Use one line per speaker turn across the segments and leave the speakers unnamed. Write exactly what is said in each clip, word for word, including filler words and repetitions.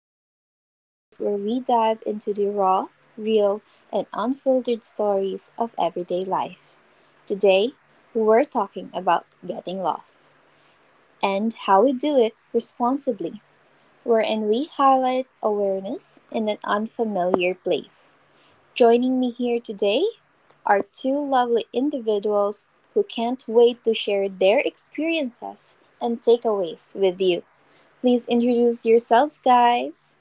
the fo- podcast where we dive into the raw, real, and unfiltered stories of everyday life. Today, we're talking about getting lost and how we do it responsibly, wherein we highlight awareness in an unfamiliar place. Joining me here today are two lovely individuals who can't wait to share their experiences and takeaways with you. Please introduce yourselves, guys.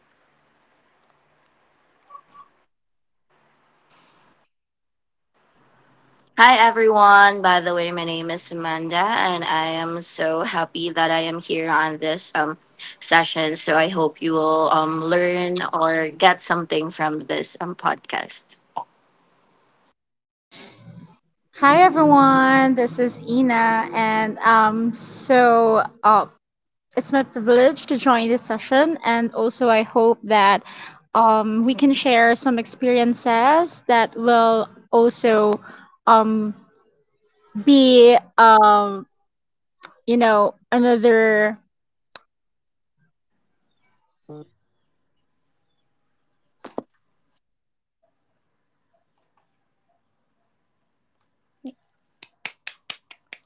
Hi everyone. By the way, my name is Amanda and I am so happy that I am here on this um session. So I hope you will um learn or get something from this um podcast.
Hi everyone, this is Ina, and um, so uh, it's my privilege to join this session, and also I hope that um, we can share some experiences that will also um, be um, you know another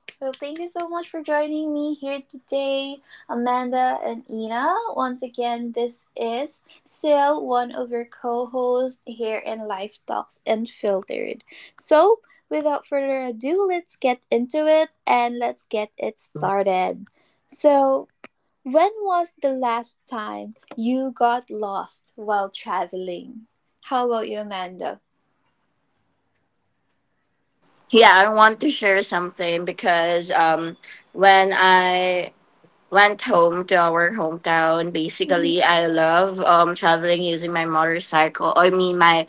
Well, thank you so much for joining me here today, Amanda and Ina. Once again, this is still one of your co hosts here in Life Talks Unfiltered. So, without further ado, let's get into it and let's get it started. So, when was the last time you got lost while traveling? How about you, Amanda?
Yeah, I want to share something because um when I went home to our hometown,
Mhm.
basically I love um traveling using my motorcycle. I mean my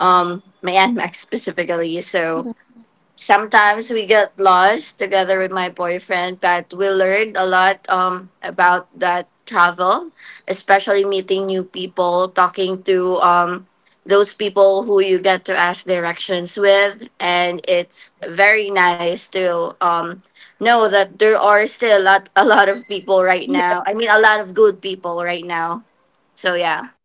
um my N max specifically. So Sometimes we get lost together with my boyfriend, but we learned a lot um, about that travel, especially meeting new people, talking to um, those people who you get to ask directions with. And it's very nice to um, know that there are still a lot, a lot of people right now. I mean, a lot of good people right now. So, yeah.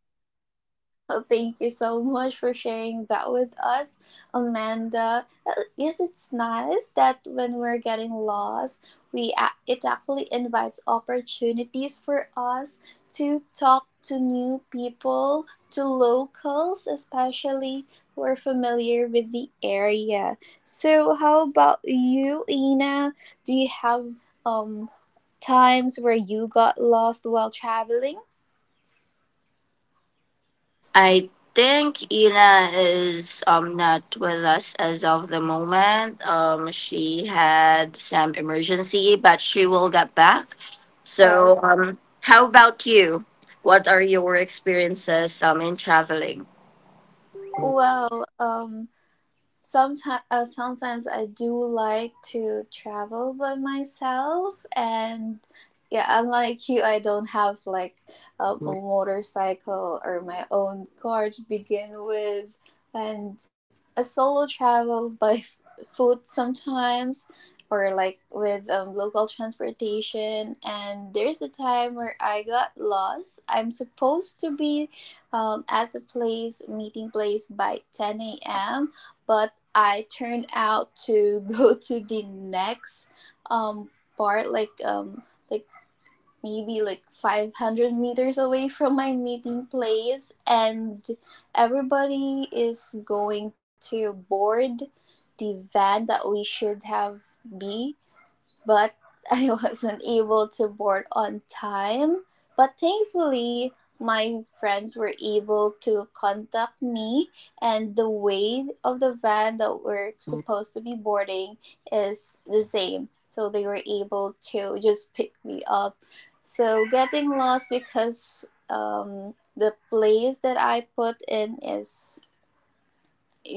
Oh, thank you so much for sharing that with us, Amanda. Uh, Yes, it's nice that when we're getting lost, we a- it actually invites opportunities for us to talk to new people, to locals, especially who are familiar with the area. So, how about you, Ina? Do you have um times where you got lost while traveling?
I think Ina is um not with us as of the moment. Um, she had some emergency, but she will get back.
Oh,
So, um, how about you? What are your experiences um in traveling?
well, um. Sometimes, uh, sometimes I do like to travel by myself, and yeah, unlike you, I don't have like um, a motorcycle or my own car to begin with, and a solo travel by f- foot sometimes, or like with um, local transportation. And there's a time where I got lost. I'm supposed to be um, at the place meeting place by ten a m, but I turned out to go to the next um part, like um like maybe like five hundred meters away from my meeting place, and everybody is going to board the van that we should have be, but I wasn't able to board on time. But thankfully, my friends were able to contact me, and the weight of the van that we're supposed to be boarding is the same. So they were able to just pick me up. So getting lost because um, the place that I put in is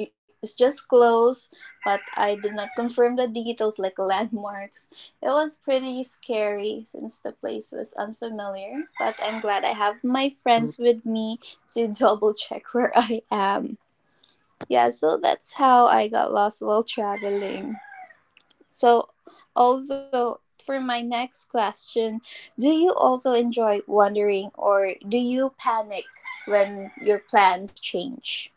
it's just close, but I did not confirm the details like landmarks. It was pretty scary since the place was unfamiliar, but I'm glad I have my friends with me to double check where I am. Yeah, so that's how I got lost while traveling. So, also, for my next question, do you also enjoy wandering or do you panic when your plans change?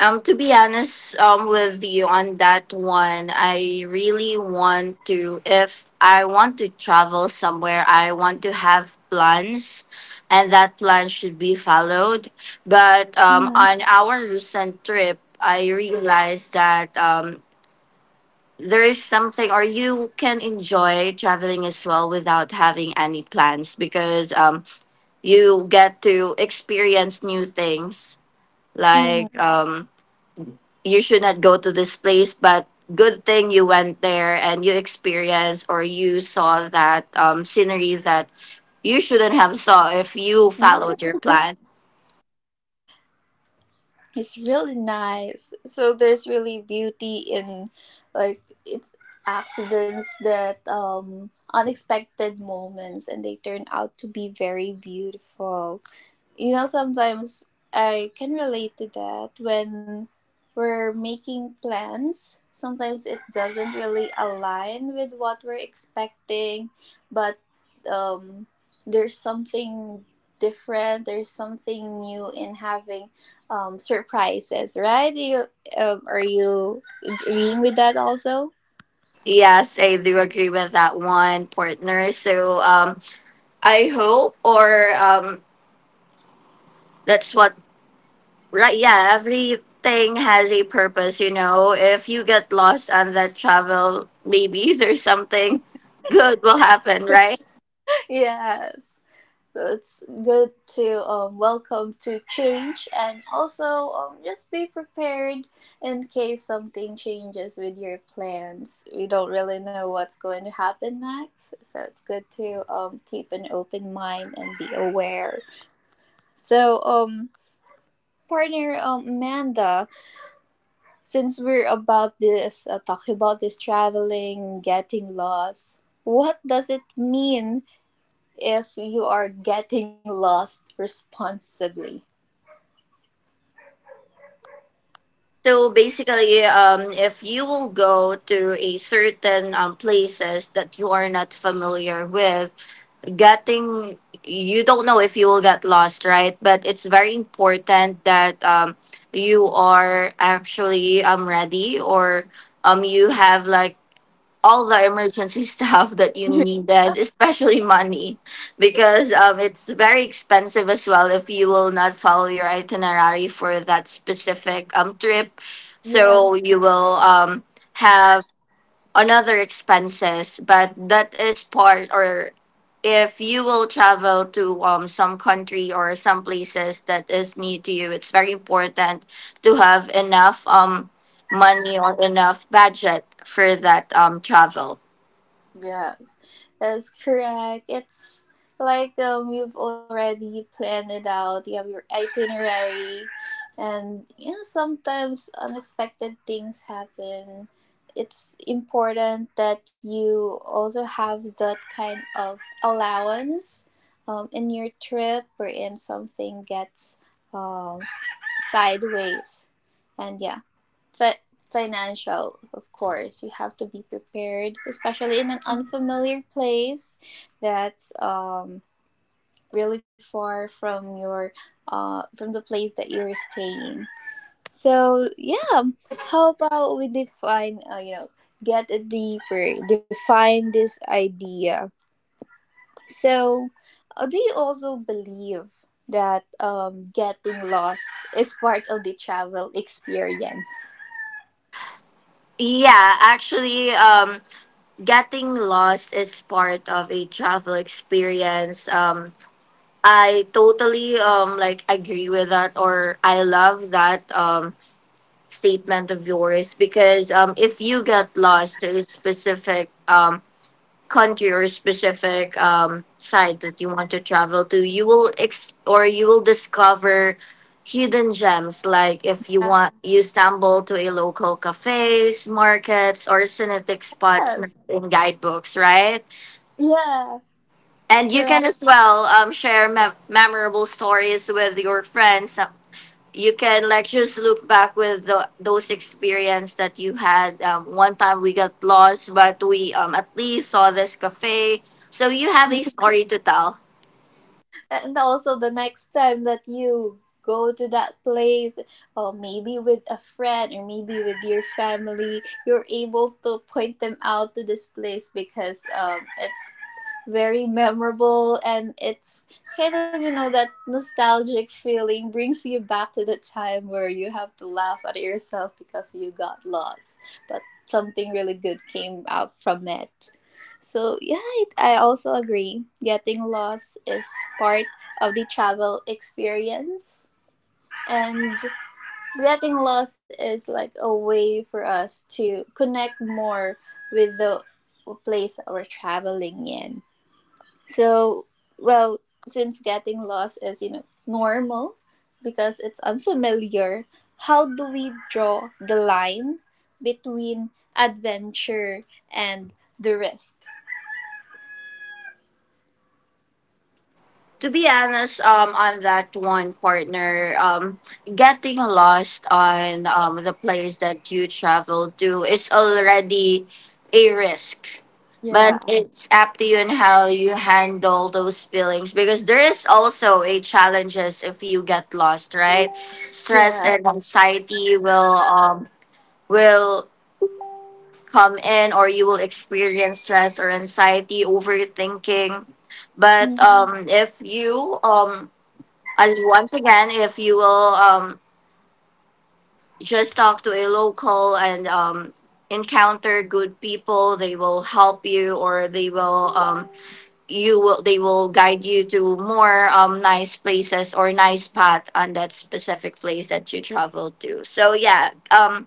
Um, to be honest, um, with you on that one, I really want to. If I want to travel somewhere, I want to have plans, and that plan should be followed. But um,
Mhm.
on our recent trip, I realized that um, there is something, or you can enjoy traveling as well without having any plans because um, you get to experience new things
Mhm.
like um you should not go to this place, but good thing you went there and you experienced or you saw that um, scenery that you shouldn't have saw if you
Mm,
followed your plan.
it's really nice. So there's really beauty in like it's accidents, that um unexpected moments, and they turn out to be very beautiful. You know, sometimes I can relate to that when we're making plans. Sometimes it doesn't really align with what we're expecting, but um, there's something different, there's something new in having um, surprises, right? You, um, are you agreeing with that also?
Yes, I do agree with that one, partner. so um, I hope or um, that's what, right? Yeah, everything has a purpose, you know. If you get lost on that travel, maybe there's something good will happen, right?
Yes. It's good to um, welcome to change and also um, just be prepared in case something changes with your plans. We don't really know what's going to happen next, so it's good to um, keep an open mind and be aware. So, um, partner, um, Amanda, since we're about this uh, talking about this traveling, getting lost, what does it mean if you are getting lost responsibly?
So basically, um, if you will go to a certain um, places that you are not familiar with, getting, you don't know if you will get lost, right? But it's very important that um, you are actually um ready or um you have like all the emergency stuff that you needed, especially money, because um, it's very expensive as well if you will not follow your itinerary for that specific um, trip.
Yes,
So you will um, have another expenses, but that is part, or if you will travel to um, some country or some places that is new to you, it's very important to have enough um, money or enough budget for that um, travel.
yes, that's correct. It's like um, you've already planned it out, you have your itinerary, and yeah, sometimes unexpected things happen. It's important that you also have that kind of allowance um, in your trip, wherein something gets um, sideways. And yeah, fi- financial, of course. You have to be prepared, especially in an unfamiliar place that's um, really far from your uh, from the place that you're staying. So yeah, how about we define? Uh, you know, get it deeper. Define this idea. So, uh, do you also believe that um, getting lost is part of the travel experience?
Yeah, actually, um, getting lost is part of a travel experience. Um, I totally um like agree with that, or I love that um statement of yours because um if you get lost to a specific um country or specific um, site that you want to travel to, you will ex- or you will discover hidden gems. Like if you want, you stumble to a local cafes, markets, or scenic spots not
Yes.
in guidebooks, right?
Yeah,
And you can
correct.
as well um, share me- memorable stories with your friends. You can like just look back with the, those experience that you had. Um, one time we got lost, but we um, at least saw this cafe, so you have a story to tell.
And also the next time that you go to that place, or maybe with a friend or maybe with your family, you're able to point them out to this place because um, it's very memorable, and it's kind of, you know, that nostalgic feeling brings you back to the time where you have to laugh at yourself because you got lost, but something really good came out from it. So yeah, it, I also agree, getting lost is part of the travel experience, and getting lost is like a way for us to connect more with the place that we're traveling in. So, well, since getting lost is, you know, normal because it's unfamiliar, how do we draw the line between adventure and the risk?
To be honest, um, on that one, partner, um, getting lost on um, the place that you travel to is already a risk. But
Yeah.
it's up to you and how you handle those feelings, because there is also a challenges if you get lost, right? Stress
Yeah.
and anxiety will um will come in, or you will experience stress or anxiety, overthinking. But um, if you um and once again, if you will um, just talk to a local and um, encounter good people, they will help you, or they will um, you will they will guide you to more um, nice places or nice path on that specific place that you travel to. So yeah, um,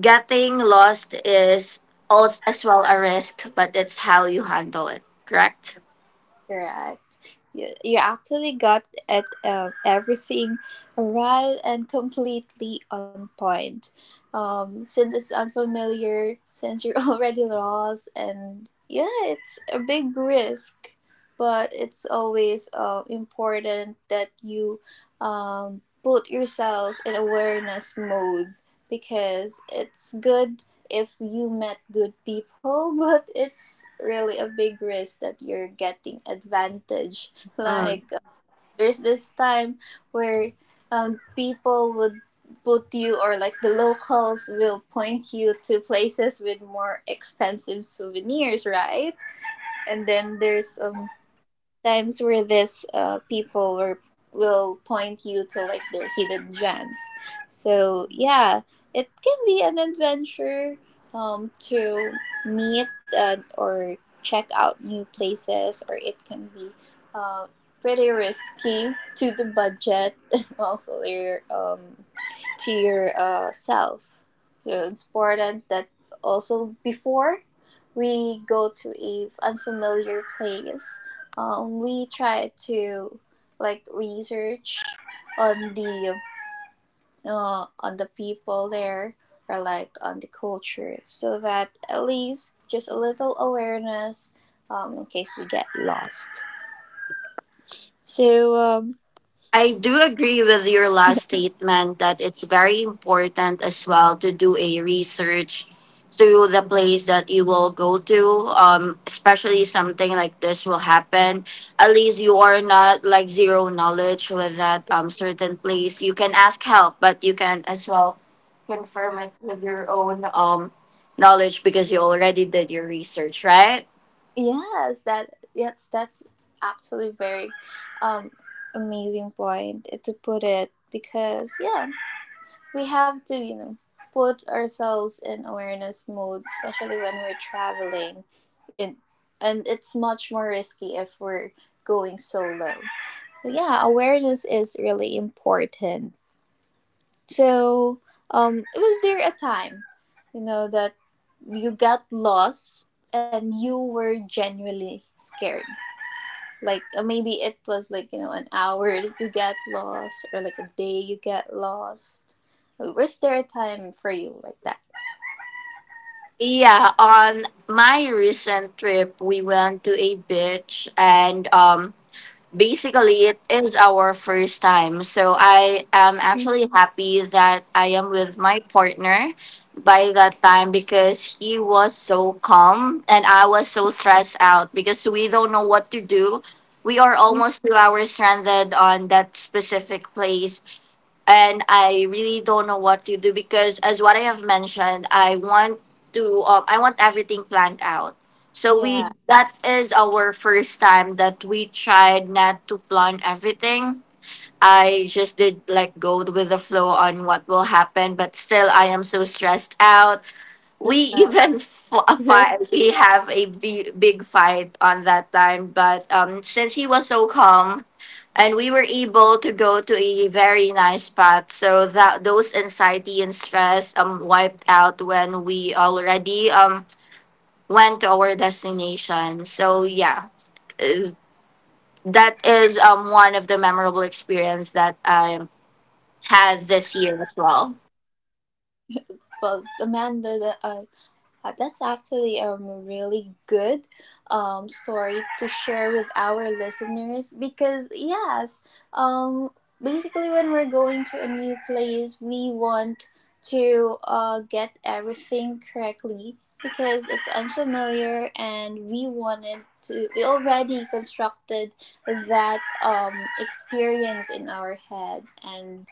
getting lost is also as well a risk, but that's how you handle it. Correct.
Correct. You, you actually got at um, everything right and completely on point. Um, since it's unfamiliar, since you're already lost, and yeah, it's a big risk, but it's always uh, important that you um, put yourself in awareness mode because it's good if you met good people, but it's really a big risk that you're getting advantage.
Mm.
Like uh, there's this time where um, people would put you, or like the locals will point you to places with more expensive souvenirs, right? And then there's um times where this uh, people were, will point you to like their hidden gems. So yeah, it can be an adventure um, to meet, uh, or check out new places, or it can be uh, pretty risky to the budget and also your um, to your uh, self. So it's important that also before we go to a unfamiliar place, um, we try to like research on the uh, on the people there, or like on the culture, so that at least just a little awareness um, in case we get lost. So um,
I do agree with your last statement that it's very important as well to do a research to the place that you will go to. Um, especially something like this will happen. At least you are not like zero knowledge with that um certain place. You can ask help, but you can as well confirm it with your own um knowledge because you already did your research, right?
yes, that yes that's absolutely very um, amazing point to put it, because yeah, we have to, you know, put ourselves in awareness mode, especially when we're traveling. It And it's much more risky if we're going solo. So yeah, awareness is really important. So um was there a time, you know, that you got lost and you were genuinely scared, like uh, maybe it was, like, you know, an hour that you get lost, or like a day you get lost? Uh, was there a time for you like that?
Yeah, on my recent trip, we went to a beach, and um basically it is our first time. So I am actually happy that I am with my partner by that time because he was so calm and I was so stressed out because we don't know what to do. We are
Mhm.
almost two hours stranded on that specific place, and I really don't know what to do because as what I have mentioned, I want to um, I want everything planned out. So
Yeah,
we That is our first time that we tried not to plan everything. I just did like go with the flow on what will happen, but still I am so stressed out. We even f- a
yeah.
fight we have a big, big fight on that time. But um since he was so calm, and we were able to go to a very nice spot, so that those anxiety and stress um wiped out when we already um went to our destination. So yeah, uh, that is um one of the memorable experience that I had this year as well.
Well, Amanda, the, uh, Uh, that's actually a um, really good um, story to share with our listeners because, yes, um, basically, when we're going to a new place, we want to uh, get everything correctly because it's unfamiliar, and we wanted to, we already constructed that um, experience in our head, and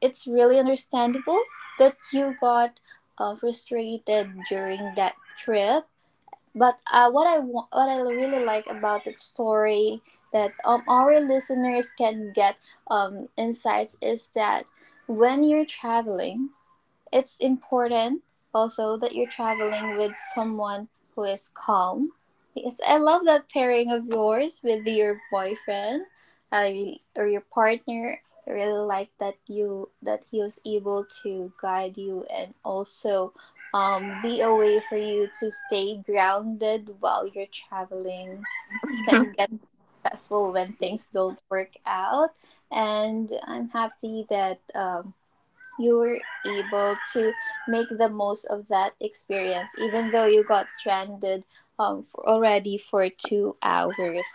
it's really understandable that you got uh, frustrated during that trip. But uh, what I wa- what I really like about that story, that um, our listeners can get um, insights, is that when you're traveling, it's important also that you're traveling with someone who is calm, because I love that pairing of yours with your boyfriend, uh, or your partner. I really like that you that he was able to guide you and also um, be a way for you to stay grounded while you're traveling. It Can get stressful when things don't work out, and I'm happy that um, you were able to make the most of that experience, even though you got stranded um, for already for two hours.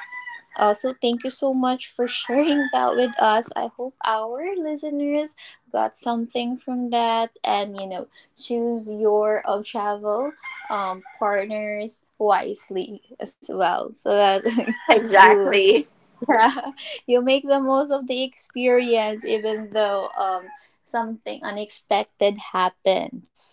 Uh, so thank you so much for sharing that with us. I hope our listeners got something from that, and, you know, choose your um, travel um, partners wisely as well, so that you
Exactly.
you make the most of the experience, even though um something unexpected happens.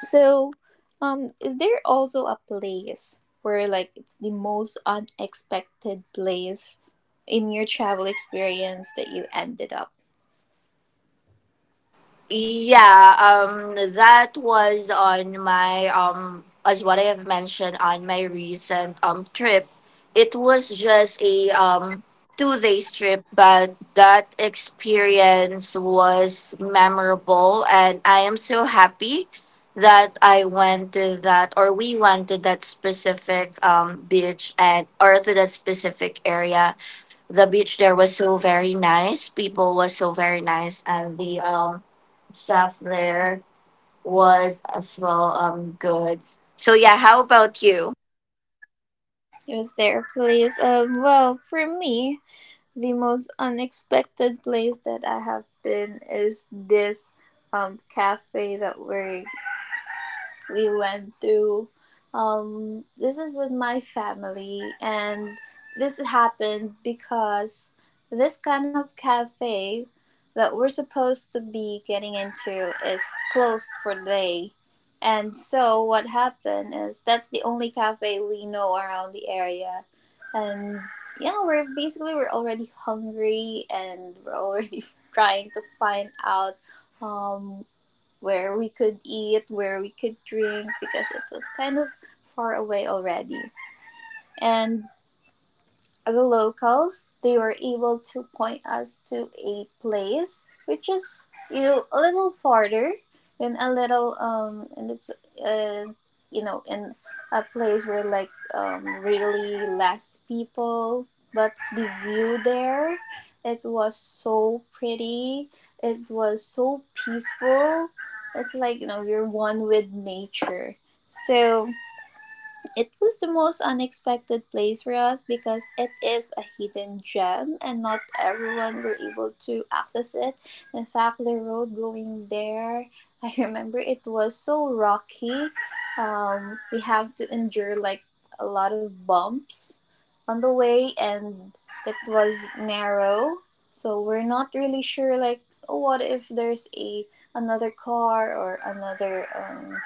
So um is there also a place where, like, it's the most unexpected place in your travel experience that you ended up?
Yeah, um, that was on my um, as what I have mentioned, on my recent um trip. It was just a um two days trip, but that experience was memorable, and I am so happy that I went to that, or we went to that specific um beach and, or to that specific area. The beach there was so very nice. People was so very nice, and the um stuff there was as well um good. So yeah, how about you?
Was there a place? Um well, for me, the most unexpected place that I have been is this um cafe that we're we went through. Um, this is with my family, and this happened because this kind of cafe that we're supposed to be getting into is closed for the day. And so what happened is that's the only cafe we know around the area. And yeah, we're basically we're already hungry, and we're already trying to find out um, where we could eat, where we could drink, because it was kind of far away already. And the locals, they were able to point us to a place which is, you know, a little farther in, a little um in the, uh, you know, in a place where like um really less people. But the view there, it was so pretty, it was so peaceful. It's like, you know, you're one with nature. So it was the most unexpected place for us because it is a hidden gem, and not everyone were able to access it. In fact, the road going there, I remember it was so rocky. Um, we have to endure like a lot of bumps on the way, and it was narrow. So we're not really sure like, oh, what if there's a another car or another um,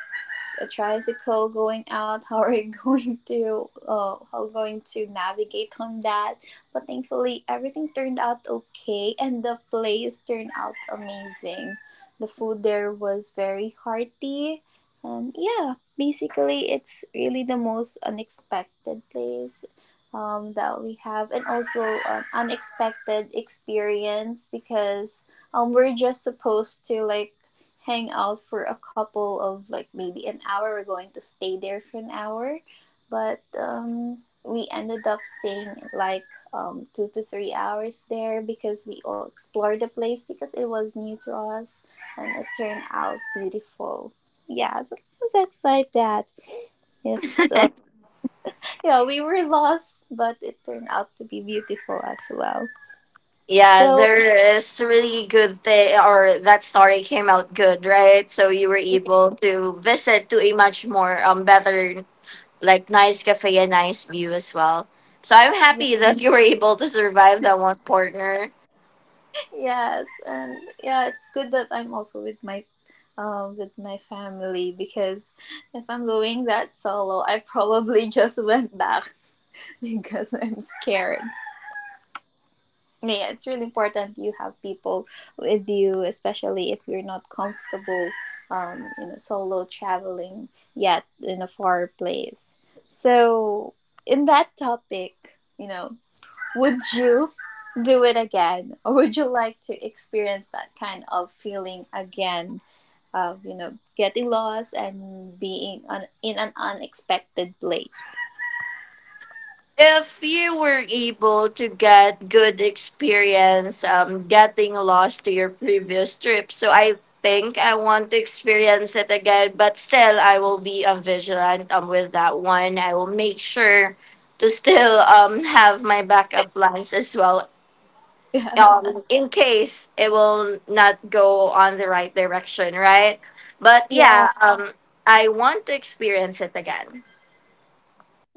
a tricycle going out, how are you going to uh, how going to navigate on that? But thankfully everything turned out okay and the place turned out amazing. The food there was very hearty, and yeah, basically it's really the most unexpected place um, that we have, and also an unexpected experience because um, we're just supposed to like hang out for a couple of, like, maybe an hour. We're going to stay there for an hour, but um, we ended up staying like um, two to three hours there because we all explored the place because it was new to us, and it turned out beautiful. Yeah, so that's like that. It's uh, yeah, we were lost, but it turned out to be beautiful as well.
Yeah,
So
there is really good thing, or that story came out good, right? So you were able to visit to a much more um better like nice cafe and nice view as well. So I'm
yeah.
happy that you were able to survive that one, partner.
Yes, and yeah, it's good that I'm also with my uh, with my family, because if I'm doing that solo, I probably just went back because I'm scared. Yeah, it's really important you have people with you, especially if you're not comfortable um, you know, solo traveling yet in a far place. So in that topic, you know, would you do it again? Or would you like to experience that kind of feeling again of, you know, getting lost and being on, in an unexpected place?
If you were able to get good experience um, getting lost to your previous trip, so I think I want to experience it again, but still I will be um, vigilant um, with that one. I will make sure to still um, have my backup plans as well
Yeah.
um, in case it will not go on the right direction, right? but
Yeah.
yeah um, I want to experience it again.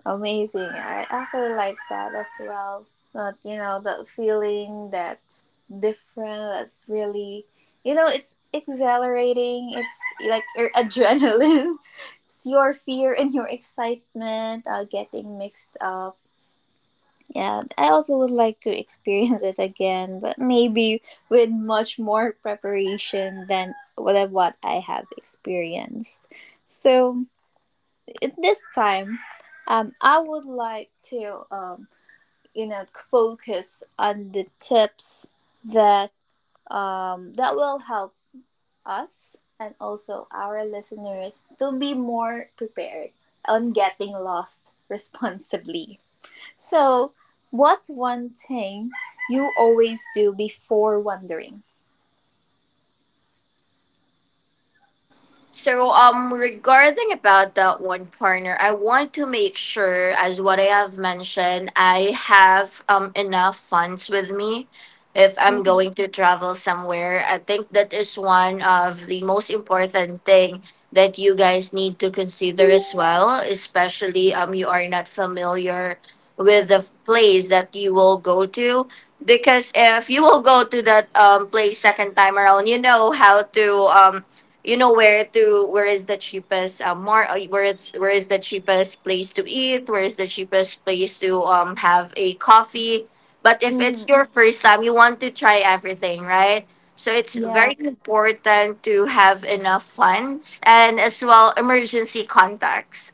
Amazing. I actually like that as well. But, you know, that feeling that's different, that's really, you know, it's exhilarating. It's like your adrenaline. It's your fear and your excitement uh, getting mixed up. Yeah, I also would like to experience it again, but maybe with much more preparation than what what I have experienced. So at this time, um, I would like to, um, you know, focus on the tips that um, that will help us and also our listeners to be more prepared on getting lost responsibly. So, what's one thing you always do before wandering?
So um regarding about that one, partner, I want to make sure as what I have mentioned, I have um enough funds with me if I'm
Mm-hmm.
going to travel somewhere. I think that is one of the most important thing that you guys need to consider as well, especially um you are not familiar with the place that you will go to because if you will go to that um place second time around, you know how to um you know where to where is the cheapest uh, more uh, where it's where is the cheapest place to eat, where is the cheapest place to um have a coffee. But if
Mm-hmm.
it's your first time, you want to try everything, right? So it's
Yeah.
very important to have enough funds and as well emergency contacts.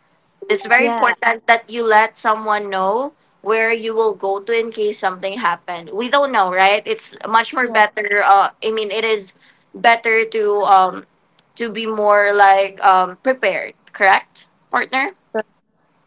It's very
Yeah.
important that you let someone know where you will go to in case something happened. We don't know, right? It's much more
Yeah.
better, uh, I mean, it is better to um to be more like um, prepared, correct, partner?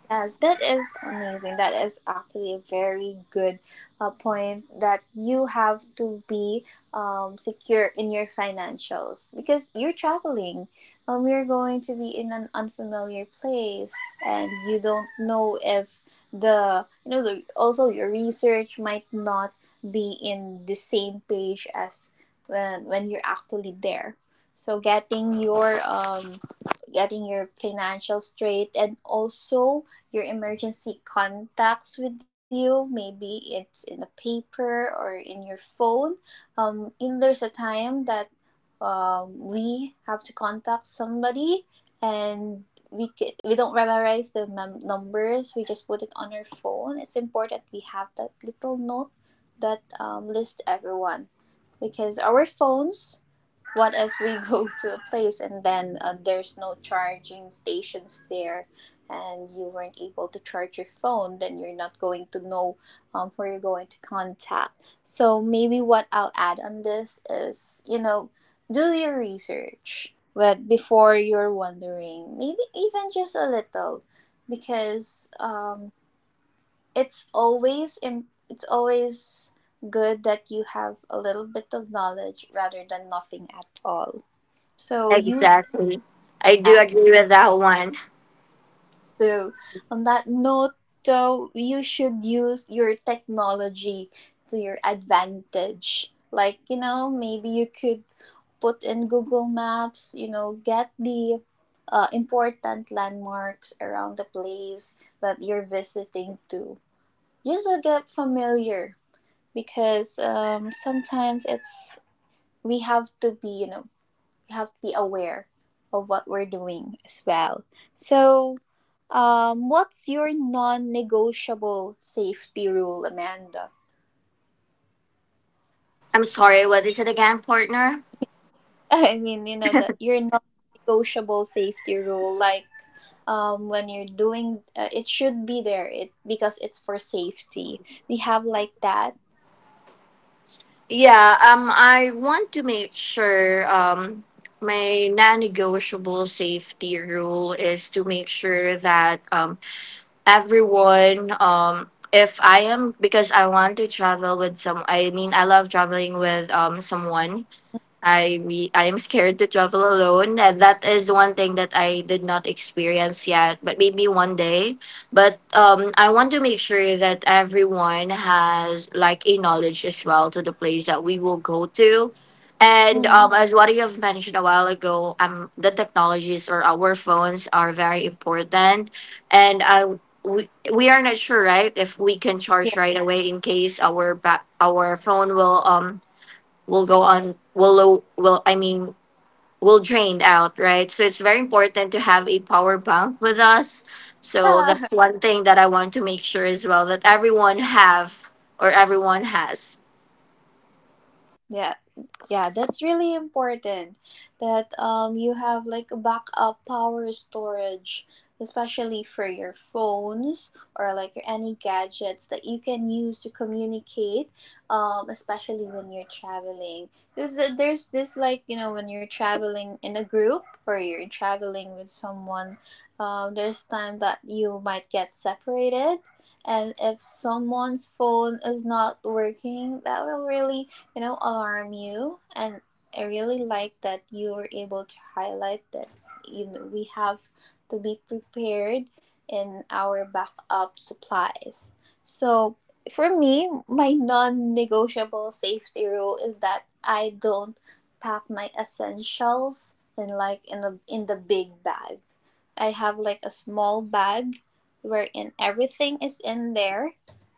Yes, that is amazing. That is actually a very good uh, point, that you have to be um, secure in your financials because you're traveling. Um, you're going to be in an unfamiliar place, and you don't know if the, you know, the, also your research might not be in the same page as when when you're actually there. So getting your um getting your financial straight, and also your emergency contacts with you. Maybe it's in a paper or in your phone. Um, and there's a time that um, we have to contact somebody, and we, ca- we don't memorize the mem- numbers, we just put it on our phone. It's important we have that little note that um, lists everyone, because our phones, what if we go to a place and then uh, there's no charging stations there, and you weren't able to charge your phone? Then you're not going to know um, where you're going to contact. So, maybe what I'll add on this is, you know, do your research. But before you're wondering, maybe even just a little, because um, it's always im- it's always good that you have a little bit of knowledge rather than nothing at all. So use
Exactly. I do
as.
agree with that one.
So on that note, though, you should use your technology to your advantage. Like, you know, maybe you could put in Google Maps. You know, get the uh, important landmarks around the place that you're visiting to. Just to get familiar, because um, sometimes it's, we have to be, you know, we have to be aware of what we're doing as well. So, um, what's your non-negotiable safety rule, Amanda?
I'm sorry, what is it again, partner?
I mean, you know, that your non-negotiable safety rule, like um, when you're doing, uh, it should be there. It, because it's for safety. We have like that.
Yeah, um, I want to make sure um, my non negotiable safety rule is to make sure that um, everyone, um, if I am, because I want to travel with some, I mean, I love traveling with um, someone. I re- I am scared to travel alone, and that is one thing that I did not experience yet. But maybe one day. But um, I want to make sure that everyone has like a knowledge as well to the place that we will go to, and
Mm,
um, as what you have mentioned a while ago, um, the technologies or our phones are very important, and I. We, we are not sure, right, if we can
yeah.
charge right away in case our ba- our phone will um will go on will low will I mean will drain out, right? So it's very important to have a power bank with us. So that's one thing that I want to make sure as well that everyone have, or everyone has.
Yeah, yeah, that's really important that um you have like a backup power storage, especially for your phones or like any gadgets that you can use to communicate, um, especially when you're traveling. Because there- there's this, like, you know, when you're traveling in a group or you're traveling with someone, um, there's time that you might get separated. And if someone's phone is not working, that will really, you know, alarm you. And I really like that you were able to highlight that, you know, we have to be prepared in our backup supplies. So for me, my non-negotiable safety rule is that I don't pack my essentials in, like, in the in the big bag. I have like a small bag wherein everything is in there,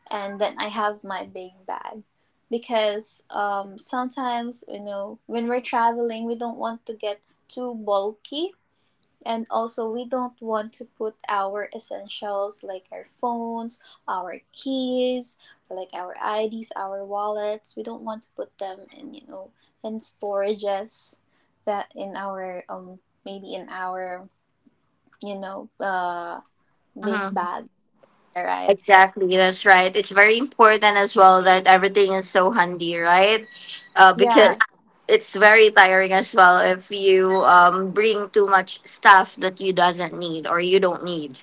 and then I have my big bag, because um, sometimes, you know, when we're traveling we don't want to get too bulky, and also we don't want to put our essentials like our phones, our keys, like our ids, our wallets, we don't want to put them in, you know, in storages, that in our, um maybe in our, you know, uh big
Mhm.
bag, right?
Exactly, that's right. It's very important as well that everything is so handy, right? Uh, because
Yeah.
it's very tiring as well if you um, bring too much stuff that you doesn't need, or you don't need.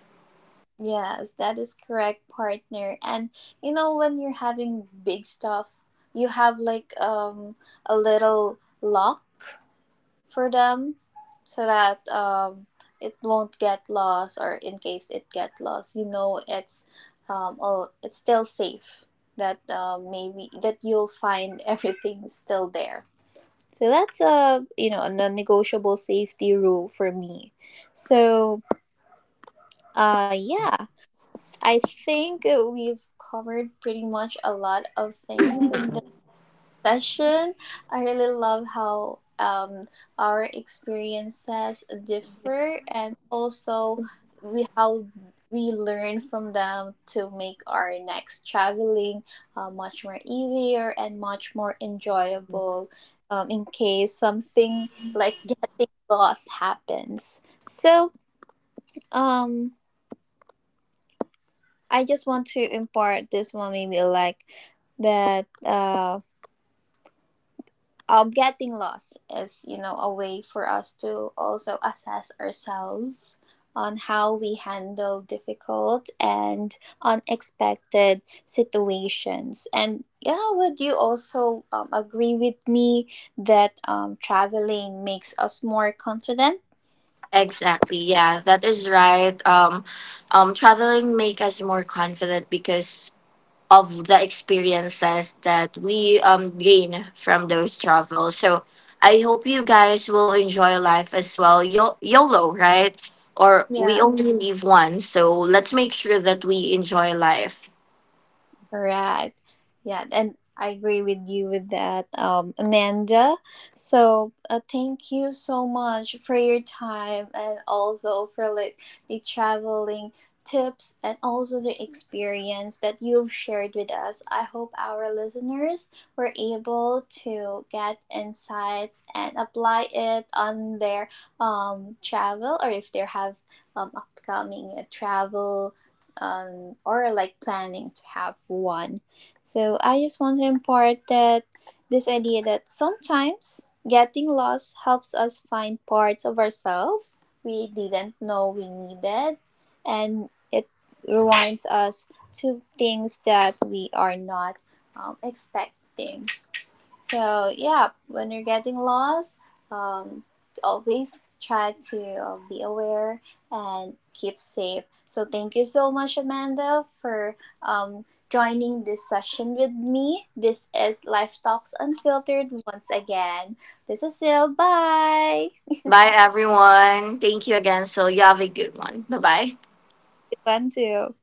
Yes, that is correct, partner. And you know, when you're having big stuff, you have like um a little lock for them so that um it won't get lost, or in case it get lost, you know it's um all it's still safe, that uh, maybe that you'll find everything still there. So that's a, you know, a non-negotiable safety rule for me. So uh yeah, I think we've covered pretty much a lot of things in this session. I really love how, um, our experiences differ, and also we how we learn from them to make our next traveling uh, much more easier and much more enjoyable, um, in case something like getting lost happens. So, um, I just want to impart this one, maybe like that uh um, getting lost is, you know, a way for us to also assess ourselves on how we handle difficult and unexpected situations. And yeah, would you also um, agree with me that um, traveling makes us more confident?
Exactly. Yeah, that is right. Um, um, traveling make us more confident because of the experiences that we um gain from those travels. So I hope you guys will enjoy life as well. Yo- YOLO, right? Or we
Yeah.
only live once, so let's make sure that we enjoy life.
Correct. Yeah, and I agree with you with that, um, Amanda. So, uh, thank you so much for your time, and also for like the traveling tips and also the experience that you've shared with us. I hope our listeners were able to get insights and apply it on their um travel, or if they have um upcoming uh, travel, um, or like planning to have one. So I just want to impart that this idea, that sometimes getting lost helps us find parts of ourselves we didn't know we needed, and it reminds us to things that we are not um, expecting. So yeah, when you're getting lost, um, always try to uh, be aware and keep safe. So thank you so much, Amanda, for um, joining this session with me. This is Life Talks Unfiltered once again. This is Sil. Bye.
Bye, everyone. Thank you again. So you have a good one. Bye bye.
Good one too.